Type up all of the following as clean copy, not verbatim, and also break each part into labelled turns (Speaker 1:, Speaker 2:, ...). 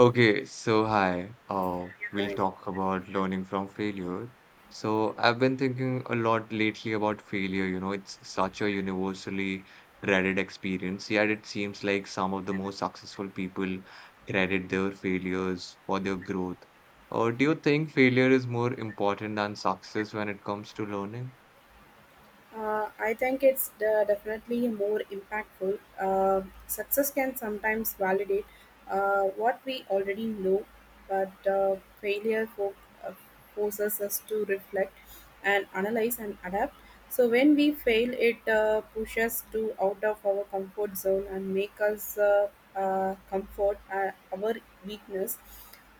Speaker 1: Okay, so hi. We'll
Speaker 2: Right.
Speaker 1: talk about learning from failure. So I've been thinking a lot lately about failure. You know, it's such a universally dreaded experience, yet it seems like some of the most successful people credit their failures for their growth. Or do you think failure is more important than success when it comes to learning?
Speaker 2: I think it's definitely more impactful. Success can sometimes validate what we already know, but failure uh, forces us to reflect and analyze and adapt. So when we fail, it pushes to out of our comfort zone and make us comfort our weakness.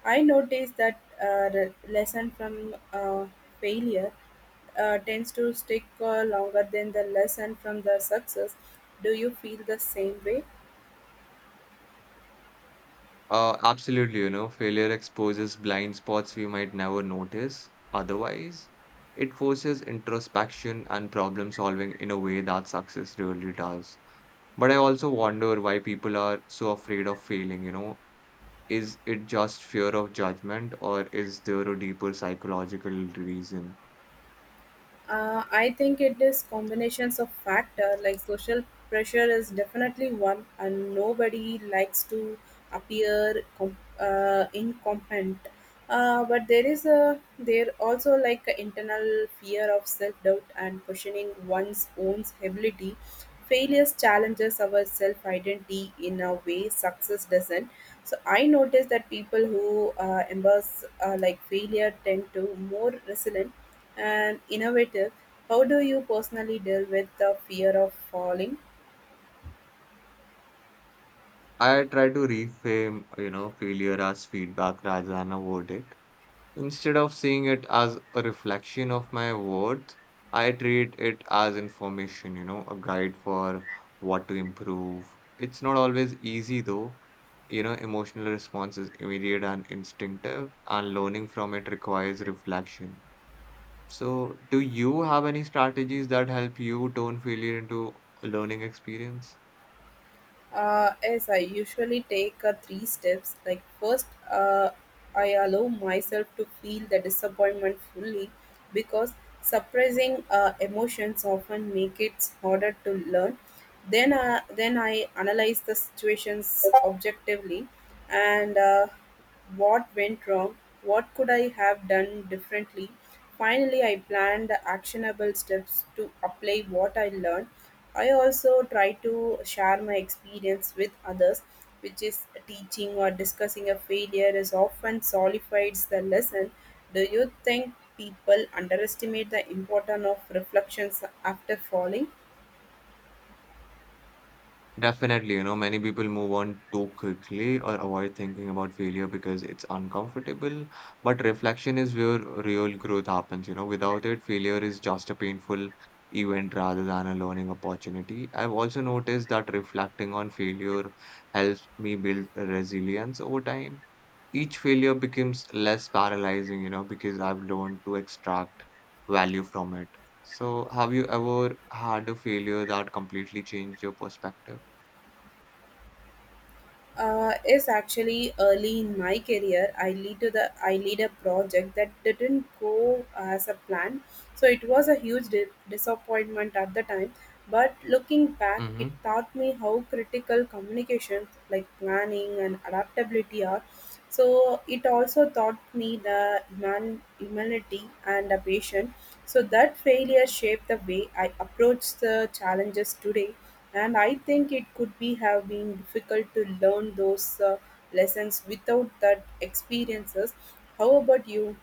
Speaker 2: I noticed that the lesson from failure tends to stick longer than the lesson from the success. Do you feel the same way?
Speaker 1: Absolutely, you know, failure exposes blind spots we might never notice. Otherwise, it forces introspection and problem solving in a way that success really does. But I also wonder why people are so afraid of failing, you know. Is it just fear of judgment, or is there a deeper psychological reason?
Speaker 2: I think it is combinations of factor like social pressure is definitely one and nobody likes to appear incompetent. But there is a there also like a internal fear of self doubt and questioning one's own ability. Failures challenges our self identity in a way success doesn't. So I noticed that people who embrace like failure tend to more resilient and innovative. How do you personally deal with the fear of falling?
Speaker 1: I try to reframe, you know, failure as feedback rather than a verdict. Instead of seeing it as a reflection of my worth, I treat it as information, you know, a guide for what to improve. It's not always easy though. You know, emotional response is immediate and instinctive, and learning from it requires reflection. So, do you have any strategies that help you turn failure into a learning experience?
Speaker 2: Yes, I usually take three steps. Like first, I allow myself to feel the disappointment fully because suppressing emotions often make it harder to learn. Then I analyze the situations objectively and what went wrong, what could I have done differently. Finally, I planned the actionable steps to apply what I learned. I also try to share my experience with others, which is teaching or discussing a failure is often solidifies the lesson. Do you think people underestimate the importance of reflections after falling?
Speaker 1: Definitely, you know, many people move on too quickly or avoid thinking about failure because it's uncomfortable. But reflection is where real growth happens, you know. Without it, failure is just a painful event rather than a learning opportunity. I've also noticed that reflecting on failure helps me build resilience over time. Each failure becomes less paralyzing, you know, because I've learned to extract value from it. So, have you ever had a failure that completely changed your perspective?
Speaker 2: Is actually early in my career. I lead a project that didn't go as a plan, so it was a huge disappointment at the time. But looking back, it
Speaker 1: Mhm.
Speaker 2: taught me how critical communications, like planning and adaptability, are. So it also taught me the humanity and the patience. So that failure shaped the way I approach the challenges today. And I think it could be have been difficult to learn those lessons without that experiences. How about you?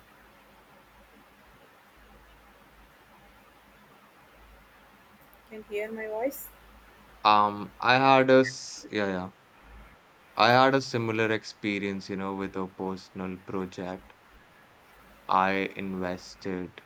Speaker 2: Can hear my voice?
Speaker 1: I had a s yeah, yeah. I had a similar experience, you know, with a personal project. I invested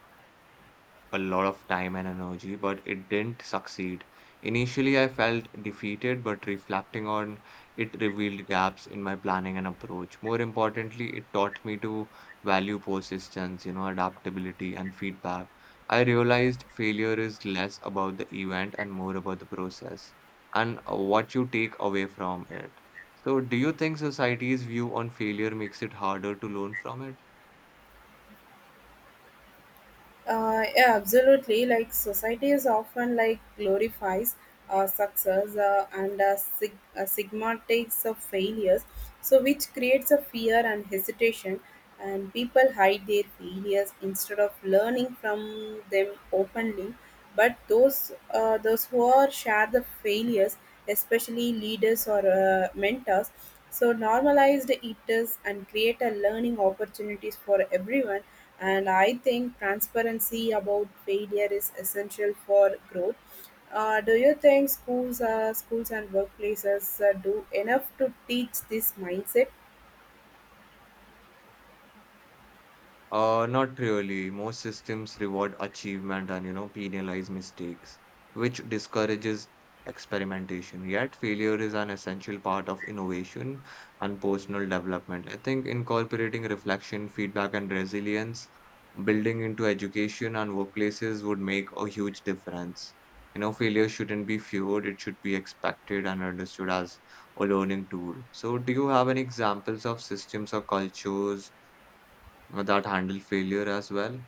Speaker 1: a lot of time and energy, but it didn't succeed. Initially, I felt defeated, but reflecting on it revealed gaps in my planning and approach. More importantly, it taught me to value persistence, you know, adaptability and feedback. I realized failure is less about the event and more about the process and what you take away from it. So, do you think society's view on failure makes it harder to learn from it?
Speaker 2: Yeah, absolutely. Like society is often like glorifies success and stigmatizes of failures, so which creates a fear and hesitation, and people hide their failures instead of learning from them openly. But those who are share the failures, especially leaders or mentors, so normalized it is and create a learning opportunities for everyone. And I think transparency about failure is essential for growth. Do you think schools and workplaces do enough to teach this mindset?
Speaker 1: Not really. Most systems reward achievement and, you know, penalize mistakes, which discourages experimentation. Yet, failure is an essential part of innovation and personal development. I think incorporating reflection, feedback, and resilience, building into education and workplaces would make a huge difference. You know, failure shouldn't be feared, it should be expected and understood as a learning tool. So, do you have any examples of systems or cultures, that handle failure as well?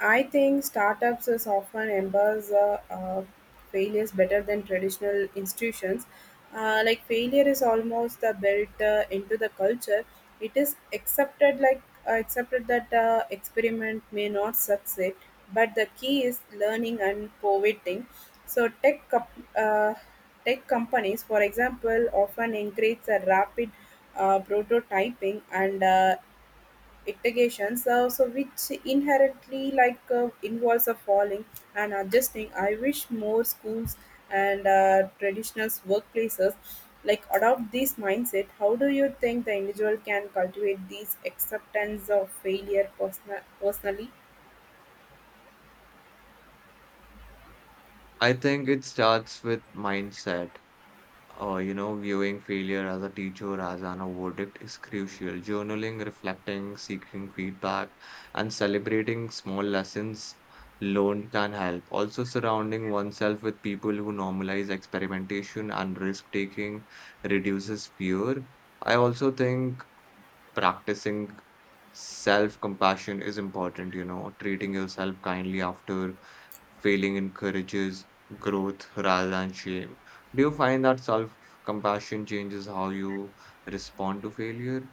Speaker 2: I think startups is often embrace failures better than traditional institutions. Like failure is almost built into the culture. It is accepted that experiment may not succeed, but the key is learning and pivoting. So uh, tech companies, for example, often encourage a rapid prototyping and integrations, so which inherently like involves a falling and adjusting. I wish more schools and traditional workplaces like adopt this mindset. How do you think the individual can cultivate these acceptance of failure personally?
Speaker 1: I think it starts with mindset. You know, viewing failure as a teacher, as an a verdict is crucial. Journaling, reflecting, seeking feedback, and celebrating small lessons learned can help. Also, surrounding oneself with people who normalize experimentation and risk taking reduces fear. I also think practicing self compassion is important, you know, treating yourself kindly after failing encourages growth rather than shame. Do you find that self compassion changes how you respond to failure?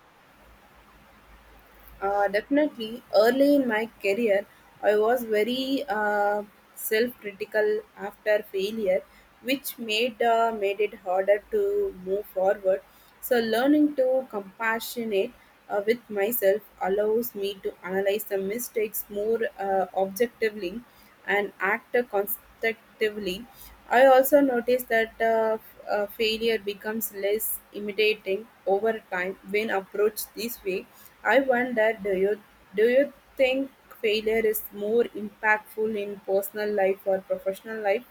Speaker 2: Definitely, early in my career, I was very self-critical after failure, which made it harder to move forward. So, learning to compassionate with myself allows me to analyze the mistakes more objectively and act constructively. I also noticed that failure becomes less intimidating over time when approached this way. I wonder, do you think failure is more impactful in personal life or professional life?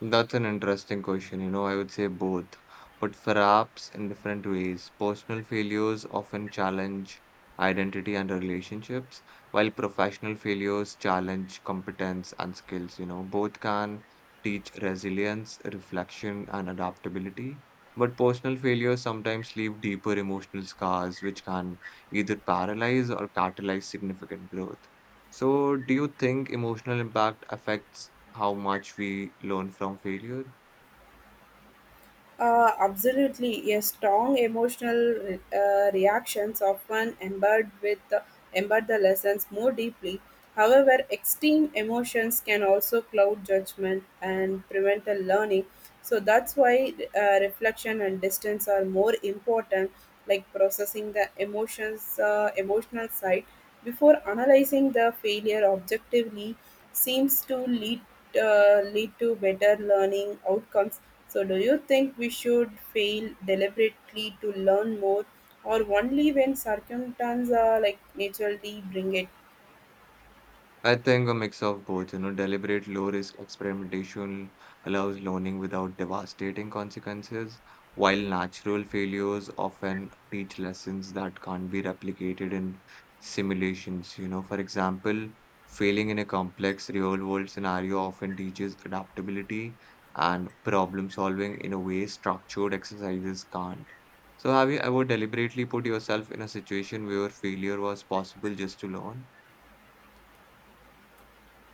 Speaker 1: That's an interesting question. You know, I would say both, but perhaps in different ways. Personal failures often challenge identity and relationships, while professional failures challenge competence and skills. You know, both can teach resilience, reflection, and adaptability. But personal failures sometimes leave deeper emotional scars, which can either paralyze or catalyze significant growth. So, do you think emotional impact affects how much we learn from failure?
Speaker 2: Absolutely, a strong emotional reactions often embed the lessons more deeply. However, extreme emotions can also cloud judgment and prevent the learning. So that's why reflection and distance are more important, like processing the emotional side before analyzing the failure objectively seems to lead to better learning outcomes. So, do you think we should fail deliberately to learn more, or only when circumstances are like naturally bring it?
Speaker 1: I think a mix of both, you know, deliberate low risk experimentation allows learning without devastating consequences, while natural failures often teach lessons that can't be replicated in simulations. You know, for example, failing in a complex real world scenario often teaches adaptability and problem solving in a way structured exercises can't. So, have you ever deliberately put yourself in a situation where failure was possible just to learn?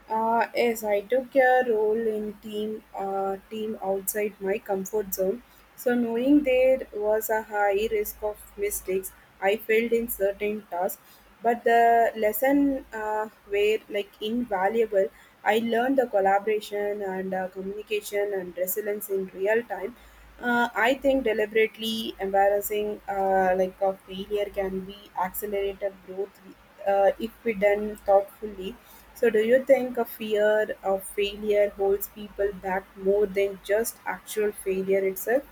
Speaker 2: Yes, I took a role in team outside my comfort zone. So knowing there was a high risk of mistakes, I failed in certain tasks. But the lesson were like invaluable. I learned the collaboration and communication and resilience in real time. I think deliberately embarrassing like a failure can be accelerated growth if we done thoughtfully. So, do you think a fear of failure holds people back more than just actual failure itself?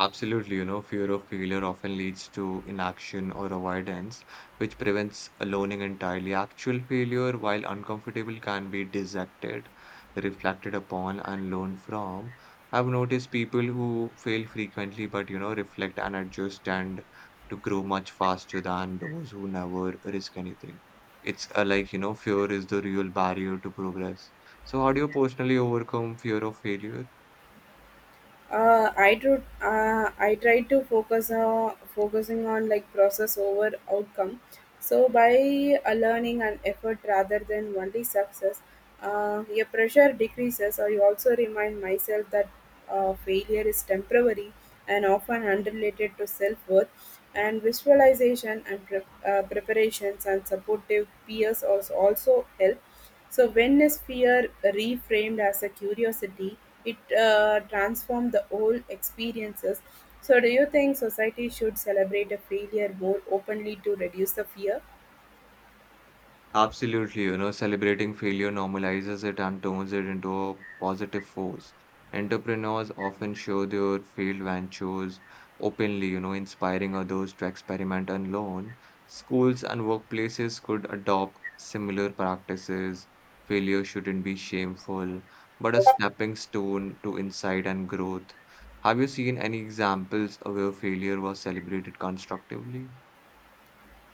Speaker 1: Absolutely, you know, fear of failure often leads to inaction or avoidance, which prevents learning entirely. Actual failure, while uncomfortable, can be dissected, reflected upon, and learned from. I've noticed people who fail frequently, but you know, reflect and adjust and to grow much faster than those who never risk anything. It's like, you know, fear is the real barrier to progress. So, how do you personally overcome fear of failure?
Speaker 2: I do, I try to focusing on like process over outcome. So by learning and effort rather than only success, your pressure decreases. I also remind myself that failure is temporary and often unrelated to self worth. And visualization and preparations and supportive peers also help. So when is fear reframed as a curiosity, it transforms the whole experiences. So do you think society should celebrate a failure more openly to reduce the fear?
Speaker 1: Absolutely, you know, celebrating failure normalizes it and turns it into a positive force. Entrepreneurs often show their failed ventures openly, you know, inspiring others to experiment and learn. Schools and workplaces could adopt similar practices. Failure shouldn't be shameful, but a stepping stone to insight and growth. Have you seen any examples of where failure was celebrated constructively?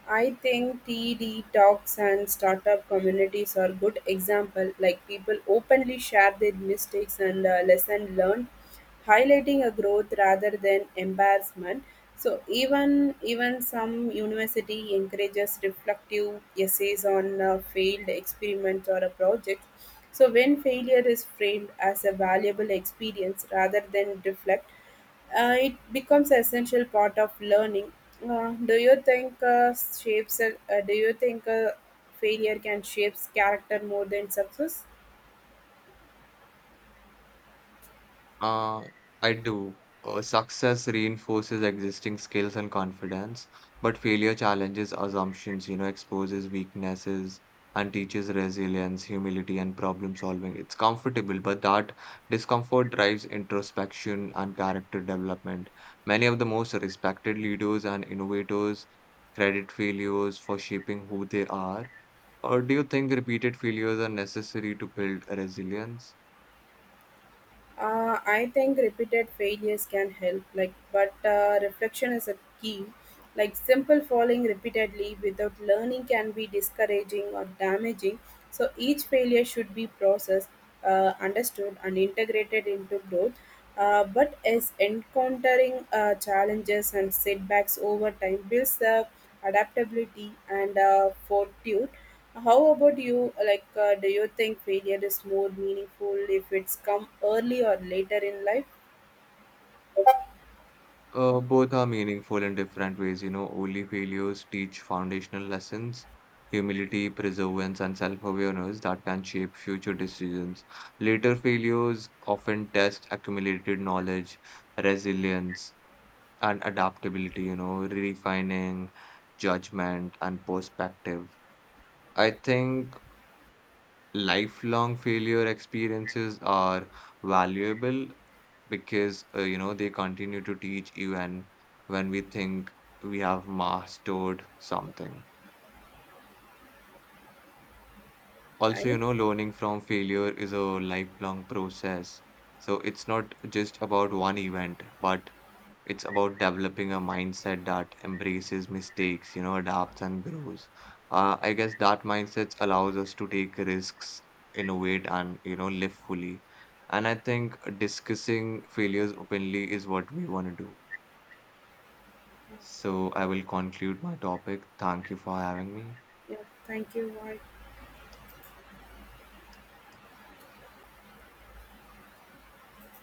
Speaker 2: I think TED Talks and startup communities are good example. Like people openly share their mistakes and lesson learned, highlighting a growth rather than embarrassment. So even some university encourages reflective essays on failed experiments or a project. So when failure is framed as a valuable experience rather than deflect it becomes essential part of learning. Do you think shapes? Do you think failure can shape character more than success?
Speaker 1: Uh, I do. Success reinforces existing skills and confidence, but failure challenges assumptions, you know, exposes weaknesses and teaches resilience, humility, and problem solving. It's comfortable, but that discomfort drives introspection and character development. Many of the most respected leaders and innovators credit failures for shaping who they are. Or do you think repeated failures are necessary to build resilience?
Speaker 2: I think repeated failures can help, like, but reflection is a key. Like simple falling repeatedly without learning can be discouraging or damaging. So each failure should be processed, understood, and integrated into growth. But as encountering challenges and setbacks over time builds adaptability and fortitude. How about you? Like, do you think failure is more meaningful if it's come early or later in life?
Speaker 1: Both are meaningful in different ways. You know, early failures teach foundational lessons, humility, perseverance, and self-awareness that can shape future decisions. Later failures often test accumulated knowledge, resilience, and adaptability, you know, refining judgment and perspective. I think lifelong failure experiences are valuable because you know they continue to teach even when we think we have mastered something. Also,
Speaker 2: Right?
Speaker 1: you know, learning from failure is a lifelong process. So it's not just about one event, but it's about developing a mindset that embraces mistakes, you know, adapts and grows. I guess that mindset allows us to take risks, innovate, and you know, live fully. And I think discussing failures openly is what we want to do. So I will conclude my topic. Thank you for having me.
Speaker 2: Yeah. Thank you. Bye.